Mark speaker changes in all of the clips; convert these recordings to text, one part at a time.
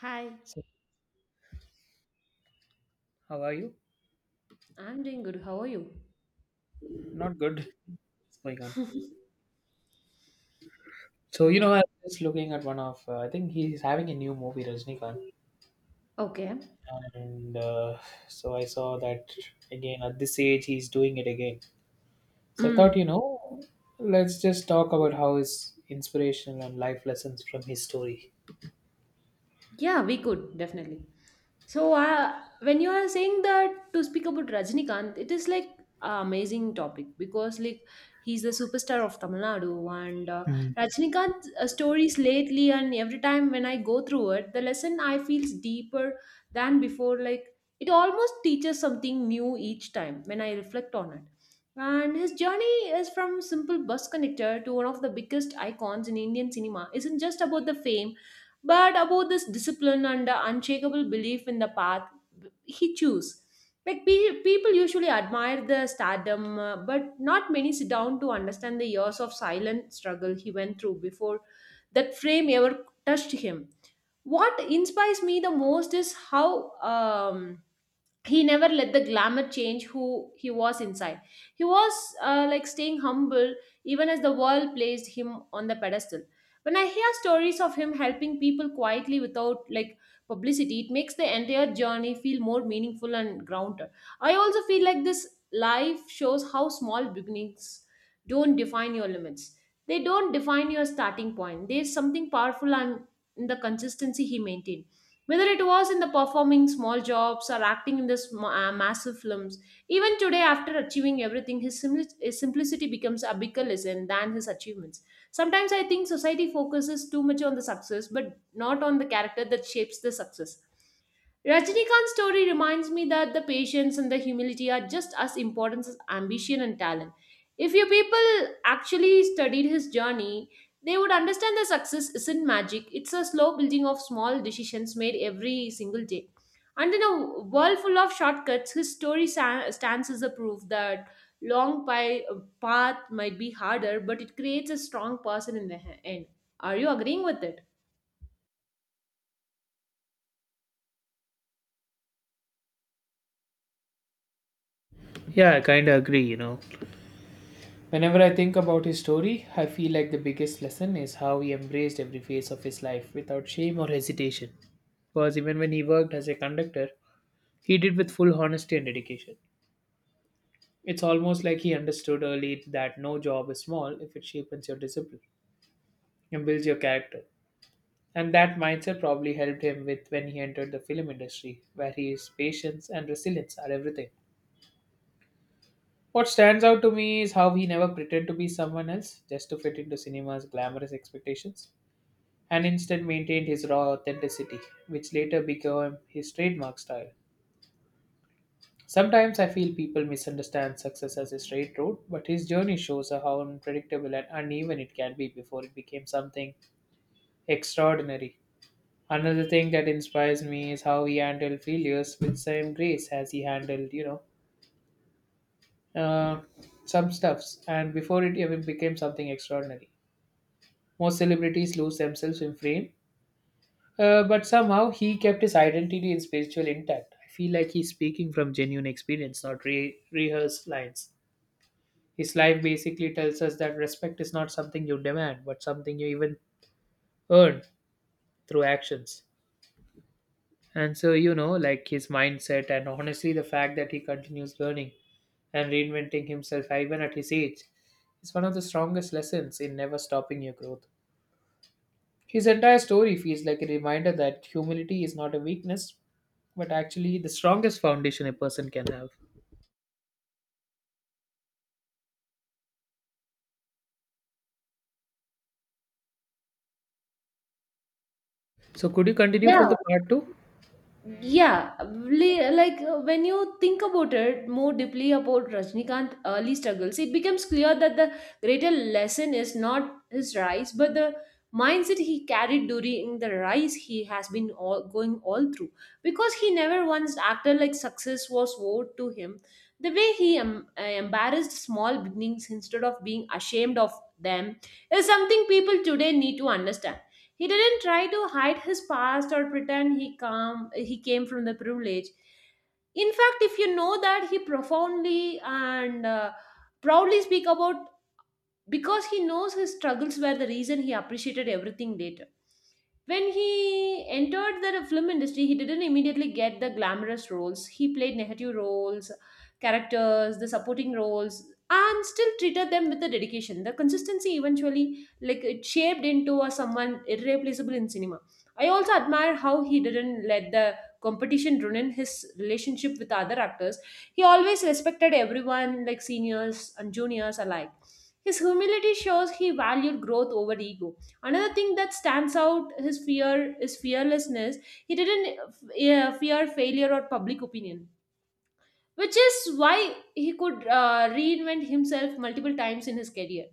Speaker 1: Hi,
Speaker 2: So, how are you?
Speaker 1: I'm doing good. How are you?
Speaker 2: Not good. What's going on? So,
Speaker 1: Yeah.
Speaker 2: I was just looking at one of, I think he's having a new movie, Rajnikant.
Speaker 1: Okay.
Speaker 2: And so I saw that again, at this age, he's doing it again. So I thought,
Speaker 1: Mm.
Speaker 2: let's just talk about how his inspirational and life lessons from his story.
Speaker 1: Yeah, we could definitely. So, when you are saying that to speak about Rajnikant, it is like a amazing topic because like he's the superstar of Tamil Nadu and
Speaker 2: Mhm.
Speaker 1: Rajnikant's stories lately, and every time when I go through it, the lesson I feels deeper than before. Like it almost teaches something new each time when I reflect on it. And his journey is from simple bus conductor to one of the biggest icons in Indian cinema. Isn't just about the fame but about this discipline and the unshakable belief in the path he chose. Like people usually admire the stardom, but not many sit down to understand the years of silent struggle he went through before that frame ever touched him. What inspires me the most is how he never let the glamour change who he was inside. He was like staying humble even as the world placed him on the pedestal. When I hear stories of him helping people quietly without like publicity, it makes the entire journey feel more meaningful and grounded. I also feel like this life shows how small beginnings don't define your limits. They don't define your starting point. There's something powerful and in the consistency he maintained. Whether it was in the performing small jobs or acting in the massive films, even today, after achieving everything, his simplicity becomes a bigger lesson than his achievements. Sometimes I think society focuses too much on the success, but not on the character that shapes the success. Rajnikant's story reminds me that the patience and the humility are just as important as ambition and talent. If your people actually studied his journey, they would understand that success isn't magic, it's a slow building of small decisions made every single day. And in a world full of shortcuts, his story stands as a proof that long pi- path might be harder, but it creates a strong person in the end. Are you agreeing with it?
Speaker 2: Yeah, I kind of agree, Whenever I think about his story, I feel like the biggest lesson is how he embraced every phase of his life without shame or hesitation because even when he worked as a conductor, he did with full honesty and dedication. It's almost like he understood early that no job is small if it shapes your discipline and builds your character. And that mindset probably helped him with when he entered the film industry, where his patience and resilience are everything. What stands out to me is how he never pretended to be someone else just to fit into cinema's glamorous expectations, and instead maintained his raw authenticity, which later became his trademark style. Sometimes I feel people misunderstand success as a straight road, but his journey shows how unpredictable and uneven it can be before it became something extraordinary. Another thing that inspires me is how he handled failures with same grace as he handled, uh, some stuffs, and before it even became something extraordinary. Most celebrities lose themselves in fame, but somehow he kept his identity and spiritual intact. I feel like he's speaking from genuine experience, not rehearsed lines. His life basically tells us that respect is not something you demand, but something you even earn through actions. And so, like his mindset and honestly the fact that he continues learning and reinventing himself even at his age is one of the strongest lessons in never stopping your growth. His entire story feels like a reminder that humility is not a weakness, but actually the strongest foundation a person can have. So, could you continue
Speaker 1: Yeah,
Speaker 2: from the part two?
Speaker 1: like when you think about it more deeply about rajnikant early struggles, it becomes clear that the greater lesson is not his rise but the mindset he carried during the rise. He has been all going all through because he never once acted like success was owed to him. The way he embarrassed small beginnings instead of being ashamed of them is something people today need to understand. He didn't try to hide his past or pretend he came from the privilege. In fact, if you know that he profoundly and proudly speak about because he knows his struggles were the reason he appreciated everything later. When he entered the film industry, he didn't immediately get the glamorous roles. He played negative roles, characters, the supporting roles, and still treated them with the dedication. The consistency eventually, like it shaped into a someone irreplaceable in cinema. I also admire how he didn't let the competition ruin his relationship with other actors. He always respected everyone, like seniors and juniors alike. His humility shows he valued growth over ego. Another thing that stands out his fear is fearlessness. He didn't fear failure or public opinion, which is why he could reinvent himself multiple times in his career.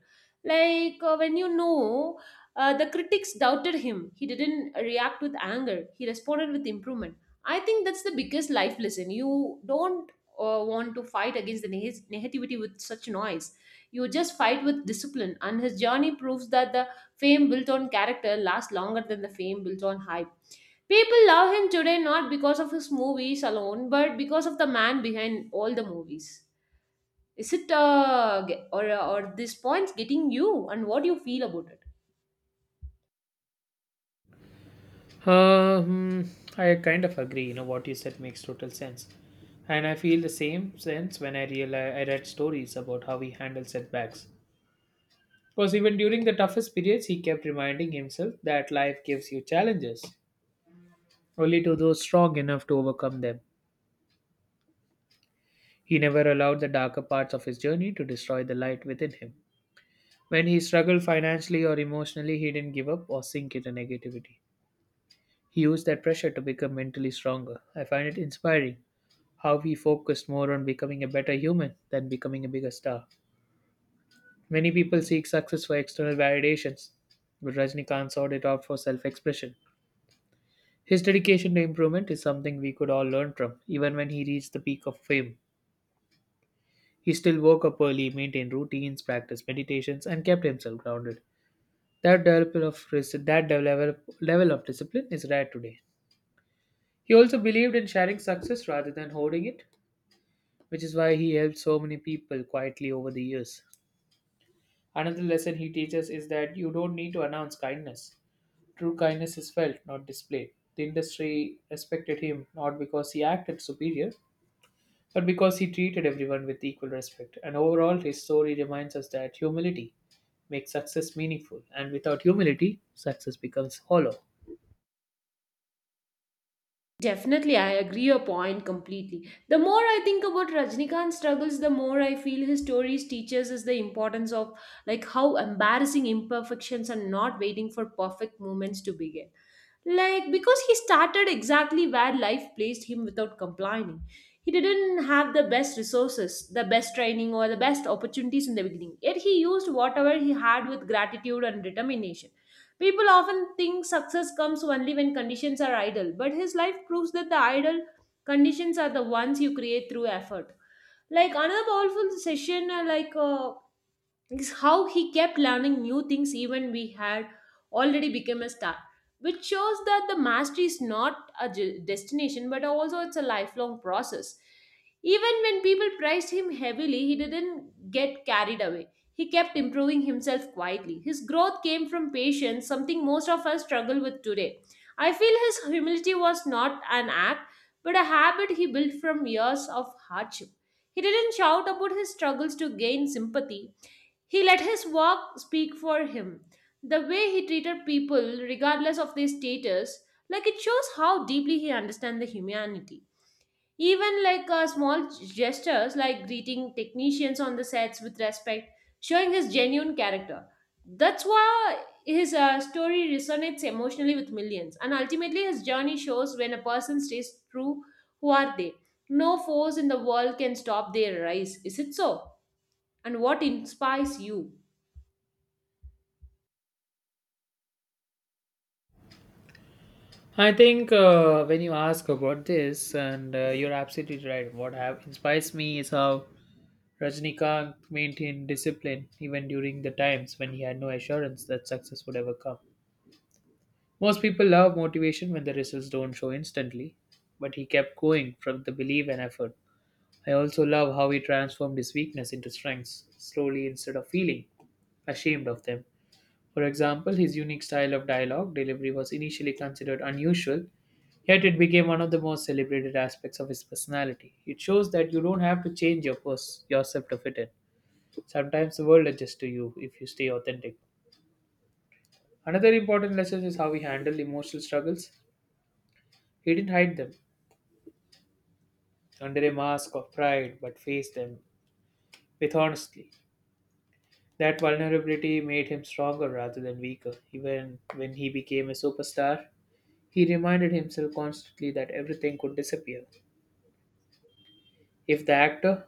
Speaker 1: Like when you know the critics doubted him, he didn't react with anger, he responded with improvement. I think that's the biggest life lesson. You don't want to fight against the negativity with such noise. You just fight with discipline, and his journey proves that the fame built on character lasts longer than the fame built on hype. People love him today not because of his movies alone, but because of the man behind all the movies. Is it or this point's getting you, and what do you feel about it?
Speaker 2: Uh, hmm, I kind of agree. You know what you said makes total sense, and I feel the same sense when I realize I read stories about how he handled setbacks. Because even during the toughest periods, he kept reminding himself that life gives you challenges only to those strong enough to overcome them. He never allowed the darker parts of his journey to destroy the light within him. When he struggled financially or emotionally, he didn't give up or sink into negativity. He used that pressure to become mentally stronger. I find it inspiring how he focused more on becoming a better human than becoming a bigger star. Many people seek success for external validations, but Rajnikant sought it out for self expression. His dedication to improvement is something we could all learn from, even when he reached the peak of fame. He still woke up early, maintained routines, practiced meditations, and kept himself grounded. That level of that level, level of discipline is rare today. He also believed in sharing success rather than hoarding it, which is why he helped so many people quietly over the years. Another lesson he teaches is that you don't need to announce kindness. True kindness is felt, not displayed. The industry respected him not because he acted superior, but because he treated everyone with equal respect. And overall, his story reminds us that humility makes success meaningful, and without humility, success becomes hollow.
Speaker 1: Definitely, I agree your point completely. The more I think about Rajnikant's struggles, the more I feel his stories teaches us the importance of like how embarrassing imperfections are not waiting for perfect moments to begin. Like because he started exactly where life placed him without complaining. He didn't have the best resources, the best training, or the best opportunities in the beginning. Yet he used whatever he had with gratitude and determination. People often think success comes only when conditions are ideal, but his life proves that the ideal conditions are the ones you create through effort. Like another powerful session, is how he kept learning new things even we had already become a star, which shows that the mastery is not a destination but also it's a lifelong process. Even when people praised him heavily, he didn't get carried away. He kept improving himself quietly. His growth came from patience, something most of us struggle with today. I feel his humility was not an act but a habit he built from years of hardship. He didn't shout about his struggles to gain sympathy. He let his walk speak for him. The way he treated people, regardless of their status, like it shows how deeply he understands the humanity. Even like small gestures, like greeting technicians on the sets with respect, showing his genuine character. That's why his story resonates emotionally with millions. And ultimately, his journey shows when a person stays true, who are they? No force in the world can stop their rise. Is it so? And what inspires you?
Speaker 2: I think when you ask about this, and you're absolutely right. What have inspires me is how Rajnikant maintained discipline even during the times when he had no assurance that success would ever come. Most people love motivation when the results don't show instantly, but he kept going from the belief and effort. I also love how he transformed his weakness into strengths, slowly instead of feeling ashamed of them. For example, his unique style of dialogue delivery was initially considered unusual, yet it became one of the most celebrated aspects of his personality. It shows that you don't have to change your yourself to fit in. Sometimes the world adjusts to you if you stay authentic. Another important lesson is how we handle emotional struggles. He didn't hide them under a mask of pride but faced them with honesty. That vulnerability made him stronger rather than weaker. Even when he became a superstar, he reminded himself constantly that everything could disappear. If the actor,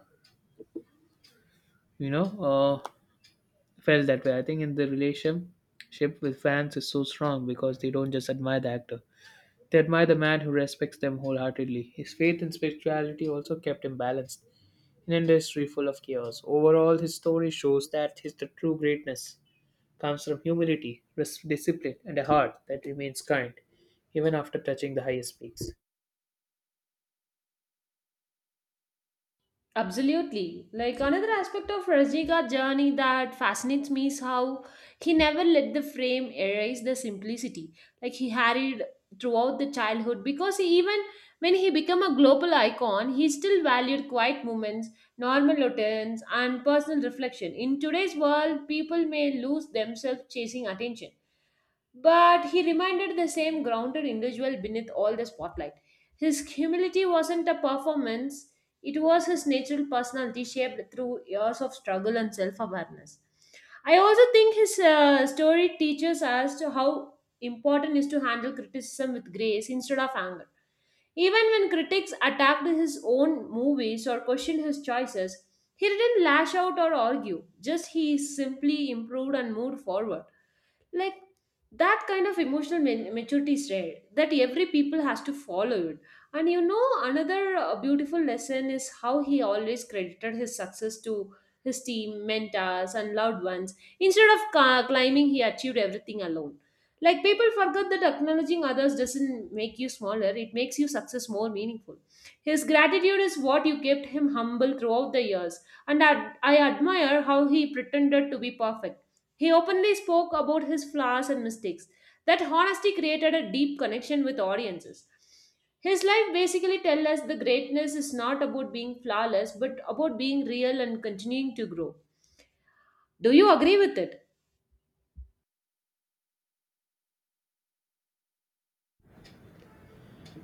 Speaker 2: you know, uh, felt that way, I think in the relationship with fans is so strong because they don't just admire the actor. They admire the man who respects them wholeheartedly. His faith and spirituality also kept him balanced in an industry full of chaos. Overall, his story shows that his the true greatness comes from humility, discipline, and a heart that remains kind even after touching the highest peaks.
Speaker 1: Absolutely. Like another aspect of Rajika's journey that fascinates me is how he never let the frame erase the simplicity. Like he harried throughout the childhood because he, even when he became a global icon, he still valued quiet moments, normal routines, and personal reflection. In today's world, people may lose themselves chasing attention. But he reminded the same grounded individual beneath all the spotlight. His humility wasn't a performance, it was his natural personality shaped through years of struggle and self awareness. I also think his story teaches us to how important is to handle criticism with grace instead of anger. Even when critics attacked his own movies or questioned his choices, he didn't lash out or argue. Just he simply improved and moved forward. Like that kind of emotional maturity is rare that every people has to follow it. And you know another beautiful lesson is how he always credited his success to his team mentors and loved ones instead of claiming he achieved everything alone. Like people forget that acknowledging others doesn't make you smaller, it makes your success more meaningful. His gratitude is what you kept him humble throughout the years. And I admire how he pretended to be perfect. He openly spoke about his flaws and mistakes. That honesty created a deep connection with audiences. His life basically tells us the greatness is not about being flawless, but about being real and continuing to grow. Do you agree with it?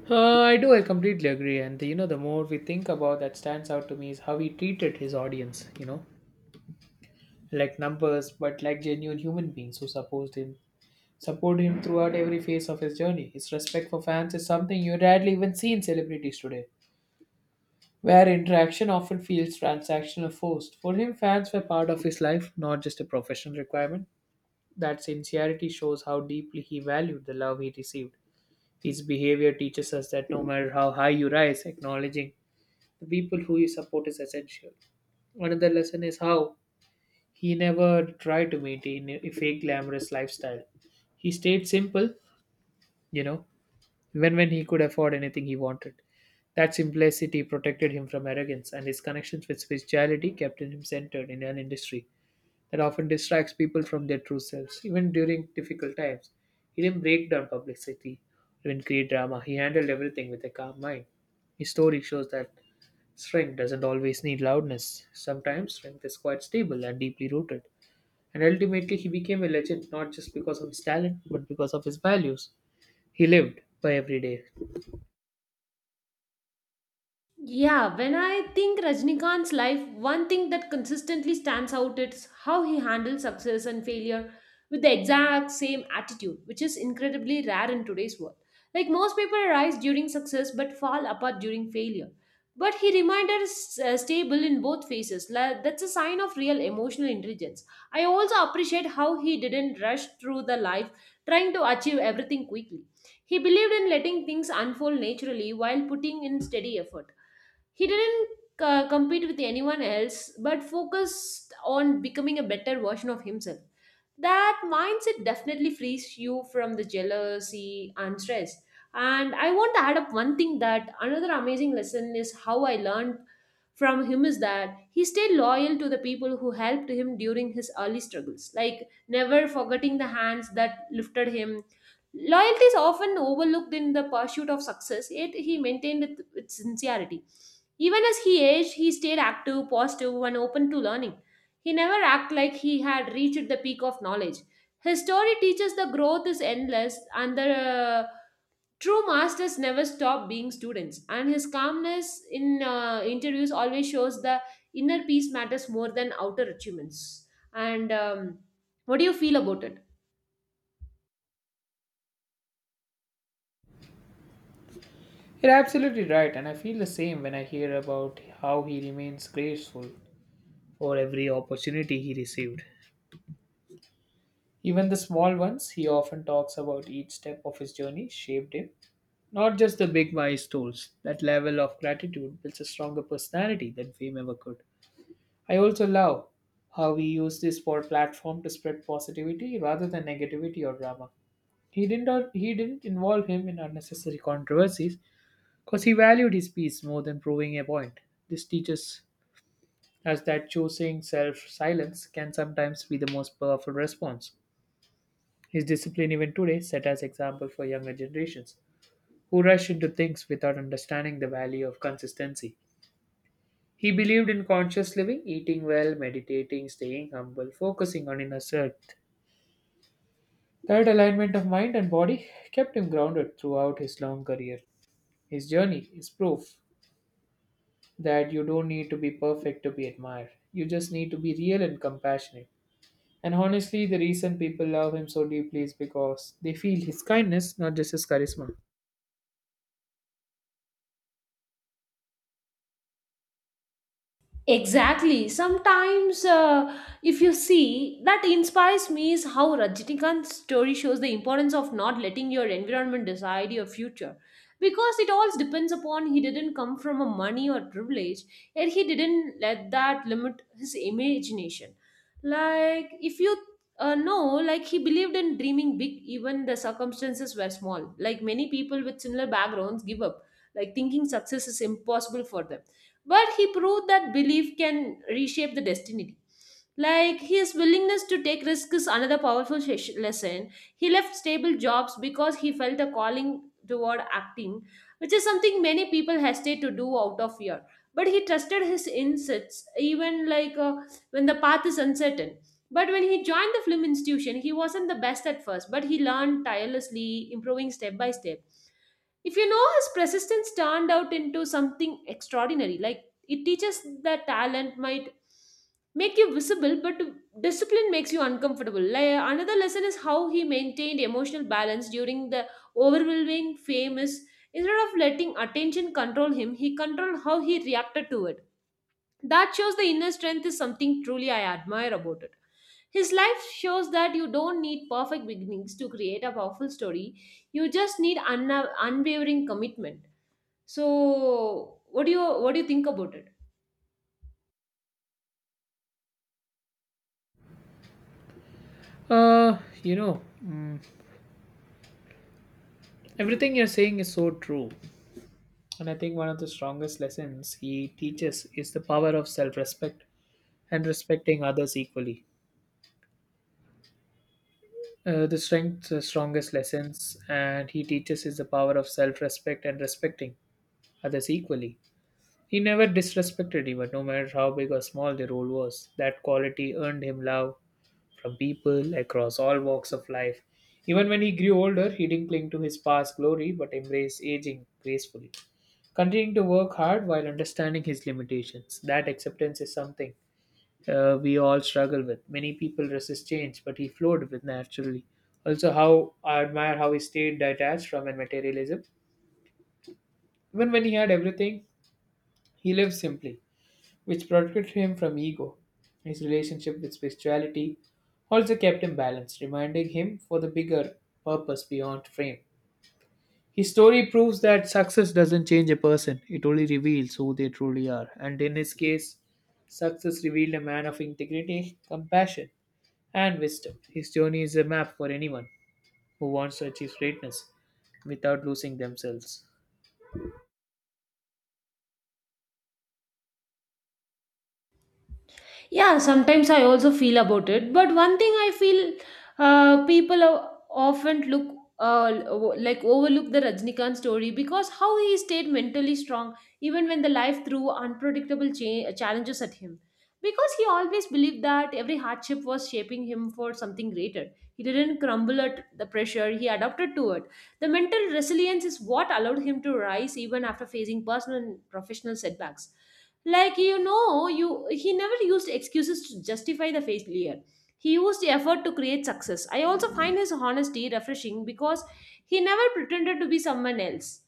Speaker 2: I do. I completely agree. And you know, the more we think about that, stands out to me is how he treated his audience. Like numbers, but like genuine human beings who supported him support him throughout every phase of his journey. His respect for fans is something you rarely even see in celebrities today, where interaction often feels transactional or forced. For him, fans were part of his life, not just a professional requirement. That sincerity shows how deeply he valued the love he received. His behavior teaches us that no matter how high you rise, acknowledging the people who you support is essential. Another lesson is how he never tried to maintain a fake glamorous lifestyle. He stayed simple, you know, when he could afford anything he wanted. That simplicity protected him from arrogance, and his connections with spirituality kept him centered in an industry that often distracts people from their true selves, even during difficult times. He didn't break down publicity or even create drama. He handled everything with a calm mind. His story shows that strength doesn't always need loudness. Sometimes strength is quite stable and deeply rooted. And ultimately, he became a legend not just because of his talent, but because of his values. He lived by every day.
Speaker 1: Yeah, when I think Rajnikant's life, one thing that consistently stands out is how he handles success and failure with the exact same attitude, which is incredibly rare in today's world. Like most people rise during success but fall apart during failure. But he remained stable in both phases. That's a sign of real emotional intelligence. I also appreciate how he didn't rush through the life trying to achieve everything quickly. He believed in letting things unfold naturally while putting in steady effort. He didn't compete with anyone else but focused on becoming a better version of himself. That mindset definitely frees you from the jealousy and stress. And I want to add up one thing that another amazing lesson is how I learned from him is that he stayed loyal to the people who helped him during his early struggles, like never forgetting the hands that lifted him. Loyalty is often overlooked in the pursuit of success, yet he maintained it with sincerity. Even as he aged, he stayed active, positive, and open to learning. He never acted like he had reached the peak of knowledge. His story teaches the growth is endless and the true masters never stop being students. And his calmness in interviews always shows the inner peace matters more than outer achievements. And what do you feel about it?
Speaker 2: You're absolutely right, and I feel the same when I hear about how he remains grateful for every opportunity he received. Even the small ones, he often talks about each step of his journey shaped him. Not just the big milestones, that level of gratitude builds a stronger personality than fame ever could. I also love how we use this for platform to spread positivity rather than negativity or drama. He didn't involve him in unnecessary controversies because he valued his peace more than proving a point. This teaches us that choosing self silence can sometimes be the most powerful response. His discipline, even today, set as example for younger generations who rush into things without understanding the value of consistency. He believed in conscious living, eating well, meditating, staying humble, focusing on inner self. That alignment of mind and body kept him grounded throughout his long career. His journey is proof that you don't need to be perfect to be admired. You just need to be real and compassionate. And honestly, the reason people love him so deeply is because they feel his kindness, not just his charisma.
Speaker 1: Exactly. Sometimes, if you see, that inspires me is how Rajinikanth's story shows the importance of not letting your environment decide your future. Because it all depends upon he didn't come from a money or privilege, and he didn't let that limit his imagination. Like, if you know, like, he believed in dreaming big, even the circumstances were small. Like, many people with similar backgrounds give up, like, thinking success is impossible for them, but he proved that belief can reshape the destiny. Like, his willingness to take risks is another powerful lesson. He left stable jobs because he felt a calling toward acting, which is something many people hesitate to do out of fear. But he trusted his insights, even like when the path is uncertain. But when he joined the film institution, he wasn't the best at first, but he learned tirelessly, improving step by step. If you know, his persistence turned out into something extraordinary. Like, it teaches that talent might make you visible, but discipline makes you uncomfortable. Like, another lesson is how he maintained emotional balance during the overwhelming fame is, instead of letting attention control him, he controlled how he reacted to it. That shows the inner strength is something truly I admire about it. His life shows that you don't need perfect beginnings to create a powerful story. You just need unwavering commitment. So, what do you think about it?
Speaker 2: Uh, you know, mm, everything you're saying is so true. And I think one of the strongest lessons he teaches is the power of self respect and respecting others equally. The strength, the strongest lessons, and he teaches is the power of self respect and respecting others equally He never disrespected anyone, no matter how big or small their role was. That quality earned him love from people across all walks of life. Even when he grew older, he didn't cling to his past glory but embraced aging gracefully, continuing to work hard while understanding his limitations. That acceptance is something we all struggle with. Many people resist change, but he flowed with naturally. Also, how I admire how he stayed detached from materialism. Even when he had everything, he lived simply which protected him from ego. His relationship with spirituality also kept him balanced, reminding him for the bigger purpose beyond fame. His story proves that success doesn't change a person, it only reveals who they truly are. And in his case, success revealed a man of integrity, compassion, and wisdom. His journey is a map for anyone who wants to achieve greatness without losing themselves.
Speaker 1: Yeah, sometimes I also feel about it. But one thing I feel, people often look like overlook the Rajnikant story, because how he stayed mentally strong even when the life threw unpredictable challenges at him. Because he always believed that every hardship was shaping him for something greater. He didn't crumble at the pressure, he adapted to it. The mental resilience is what allowed him to rise even after facing personal and professional setbacks. Like, you know, you he never used excuses to justify the failure. He used the effort to create success. I also find his honesty refreshing, because he never pretended to be someone else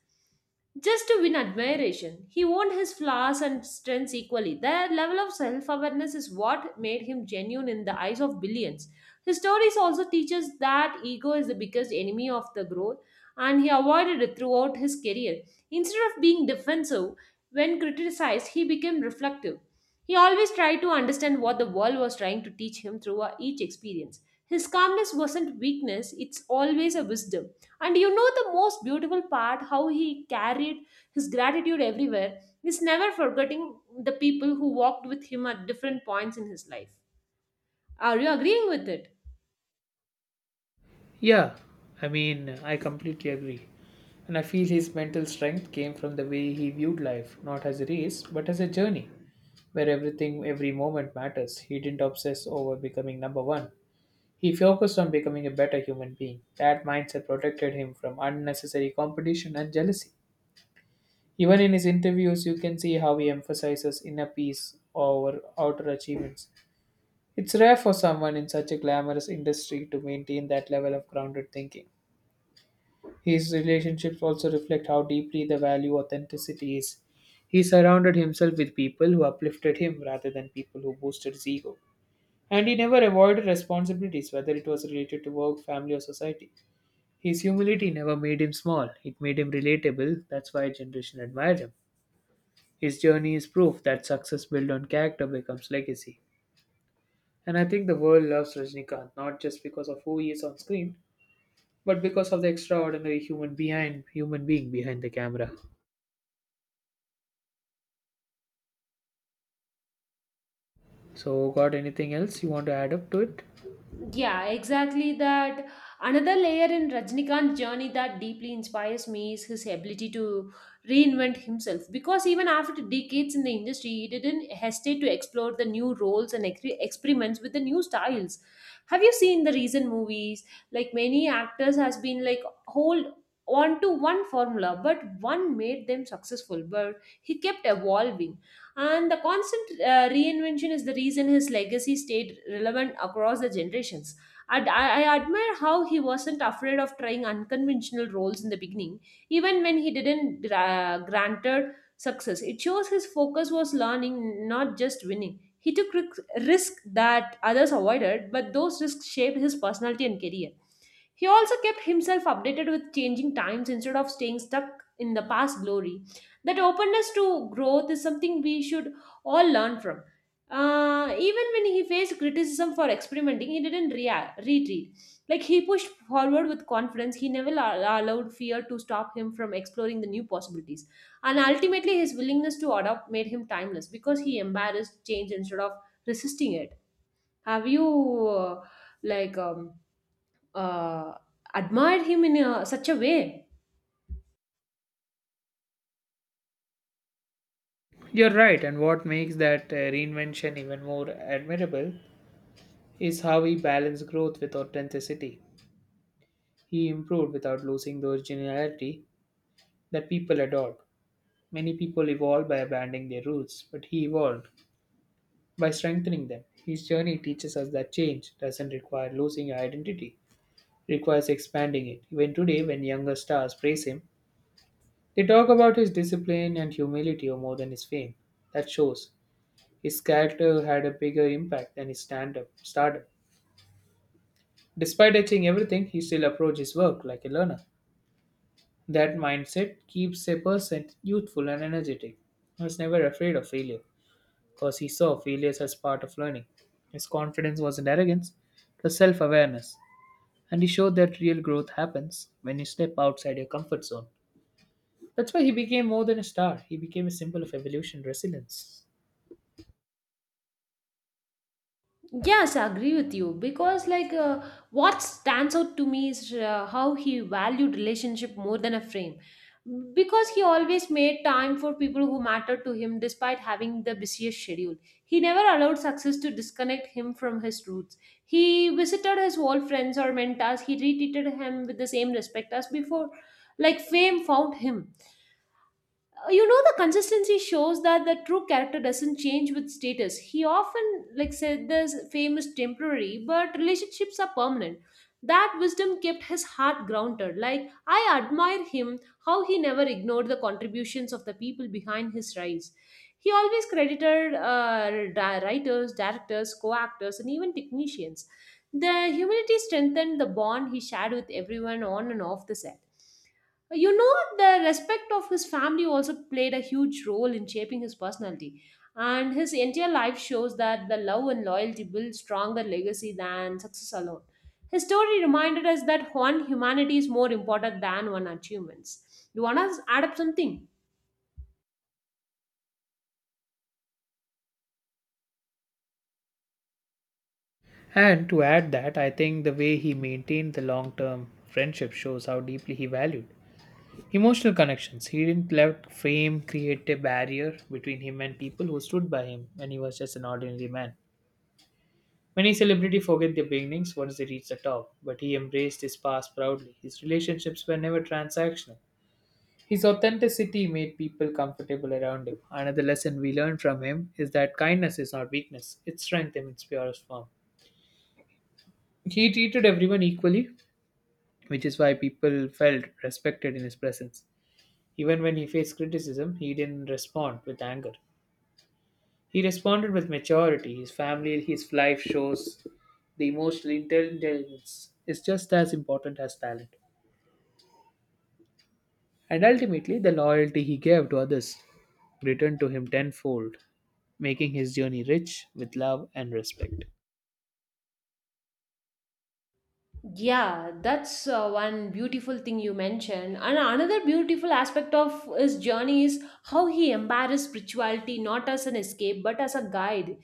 Speaker 1: just to win admiration. He owned his flaws and strengths equally. Their level of self awareness is what made him genuine in the eyes of billions. His stories also teach us that ego is the biggest enemy of the growth, and he avoided it throughout his career. Instead of being defensive when criticized, he became reflective. He always tried to understand what the world was trying to teach him through each experience. His calmness wasn't weakness, it's always a wisdom. And you know the most beautiful part, how he carried his gratitude everywhere is never forgetting the people who walked with him at different points in his life. Are you agreeing with it?
Speaker 2: Yeah, I completely agree. And I feel his mental strength came from the way he viewed life, not as a race, but as a journey, where everything, every moment matters. He didn't obsess over becoming number one. He focused on becoming a better human being. That mindset protected him from unnecessary competition and jealousy. Even in his interviews, you can see how he emphasizes inner peace over outer achievements. It's rare for someone in such a glamorous industry to maintain that level of grounded thinking. His relationships also reflect how deeply the value authenticity is. He surrounded himself with people who uplifted him rather than people who boosted his ego. And he never avoided responsibilities, whether it was related to work, family, or society. His humility never made him small, it made him relatable. That's why a generation admired him. His journey is proof that success built on character becomes legacy. And I think the world loves Rajnikant not just because of who he is on screen, but because of the extraordinary human being behind the camera. So, got anything else you want to add up to it?
Speaker 1: Yeah, exactly that. Another layer in Rajnikant's journey that deeply inspires me is his ability to reinvent himself. Because even after decades in the industry, he didn't hesitate to explore the new roles and experiments with the new styles. Have you seen the recent movies? Like, many actors has been like hold on to one formula, but one made them successful. But he kept evolving. And the constant reinvention is the reason his legacy stayed relevant across the generations. And I admire how he wasn't afraid of trying unconventional roles in the beginning, even when he didn't granted success. It shows his focus was learning, not just winning. He took risk that others avoided, but those risks shaped his personality and career. He also kept himself updated with changing times instead of staying stuck in the past glory. That openness to growth is something we should all learn from. Even when he faced criticism for experimenting, he didn't react, retreat. Like, he pushed forward with confidence. He never allowed fear to stop him from exploring the new possibilities. And ultimately, his willingness to adopt made him timeless, because he embarrassed change instead of resisting it. Have you, like, um, uh, admired him in a, such a way.
Speaker 2: You're right, and what makes that reinvention even more admirable is how he balanced growth with authenticity. He improved without losing the originality that people adored. Many people evolve by abandoning their roots, but he evolved by strengthening them. His journey teaches us that change doesn't require losing your identity, it requires expanding it. Even today, when younger stars praise him, they talk about his discipline and humility more than his fame. That shows his character had a bigger impact than his stand-up startup. Despite achieving everything, he still approached his work like a learner. That mindset keeps a person youthful and energetic. He was never afraid of failure because he saw failures as part of learning. His confidence wasn't arrogance, it was self awareness. And he showed that real growth happens when you step outside your comfort zone. That's why he became more than a star, he became a symbol of evolution and resilience.
Speaker 1: Yes, I agree with you, because like, what stands out to me is, how he valued relationship more than a frame. Because he always made time for people who mattered to him despite having the busiest schedule. He never allowed success to disconnect him from his roots. He visited his old friends or mentors. He retreated him with the same respect as before. Like, fame found him. You know, the consistency shows that the true character doesn't change with status. He often like said, this famous temporary but relationships are permanent. That wisdom kept his heart grounded. Like, I admire him, how he never ignored the contributions of the people behind his rise. He always credited writers, directors, co-actors, and even technicians. The humility strengthened the bond he shared with everyone on and off the set. You know, the respect of his family also played a huge role in shaping his personality. And his entire life shows that the love and loyalty build stronger legacy than success alone. His story reminded us that one humanity is more important than one achievements. You want to add up something?
Speaker 2: And to add that, I think the way he maintained the long term friendship shows how deeply he valued emotional connections. He didn't let fame create a barrier between him and people who stood by him when he was just an ordinary man. Many celebrities forget their beginnings once they reach the top, but he embraced his past proudly. His relationships were never transactional. His authenticity made people comfortable around him. Another lesson we learned from him is that kindness is not weakness, it's strength in its purest form. He treated everyone equally, which is why people felt respected in his presence. Even when he faced criticism, he didn't respond with anger. He responded with maturity. His family, his life shows the emotional intelligence is just as important as talent. And ultimately, the loyalty he gave to others returned to him tenfold, making his journey rich with love and respect.
Speaker 1: Yeah, that's one beautiful thing you mentioned. And another beautiful aspect of his journey is how he embraced spirituality, not as an escape but as a guide,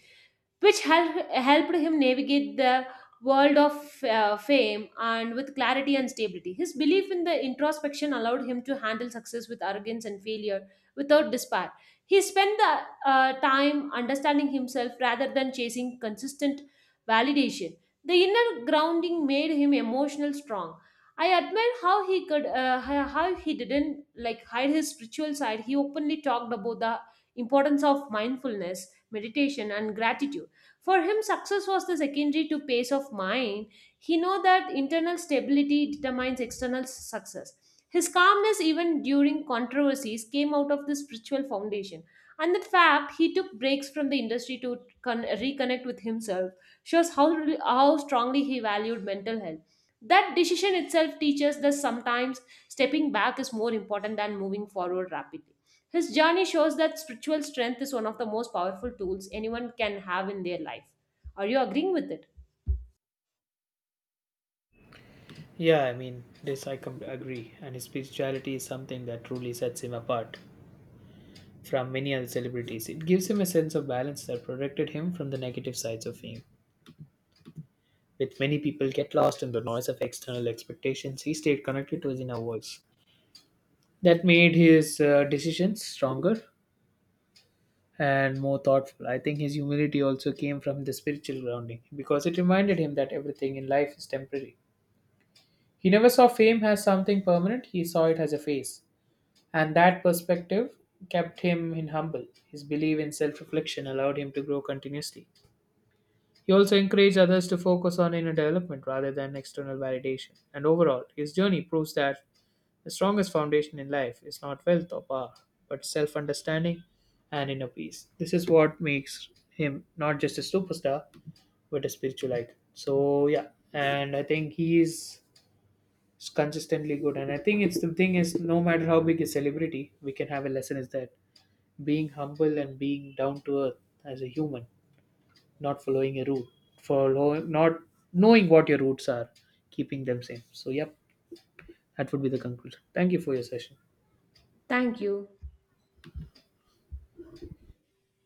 Speaker 1: which helped him navigate the world of fame and with clarity and stability. His belief in the introspection allowed him to handle success with arrogance and failure without despair. He spent the time understanding himself rather than chasing consistent validation. The inner grounding made him emotional strong. I admire how he could, how he didn't like hide his spiritual side. He openly talked about the importance of mindfulness, meditation, and gratitude. For him, success was the secondary to pace of mind. He know that internal stability determines external success. His calmness, even during controversies, came out of this spiritual foundation. And the fact, he took breaks from the industry to reconnect with himself, shows how, really, how strongly he valued mental health. That decision itself teaches that sometimes stepping back is more important than moving forward rapidly. His journey shows that spiritual strength is one of the most powerful tools anyone can have in their life. Are you agreeing with it?
Speaker 2: Yeah, I mean, agree. And his spirituality is something that truly sets him apart from many other celebrities. It gives him a sense of balance that protected him from the negative sides of fame. With many people get lost in the noise of external expectations, he stayed connected to his inner voice. That made his decisions stronger and more thoughtful. I think his humility also came from the spiritual grounding because it reminded him that everything in life is temporary. He never saw fame as something permanent, he saw it as a phase. And that perspective kept him in humble. His belief in self reflection allowed him to grow continuously. He also encouraged others to focus on inner development rather than external validation. And overall, his journey proves that the strongest foundation in life is not wealth or power, but self understanding and inner peace. This is what makes him not just a superstar, but a spiritual icon. So, yeah, and I think he is consistently good. And I think it's the thing is, no matter how big a celebrity, we can have a lesson is that being humble and being down to earth as a human, not following a route, follow not knowing what your roots are, keeping them same. So yep, that would be the conclusion. Thank you for your session.
Speaker 1: Thank you.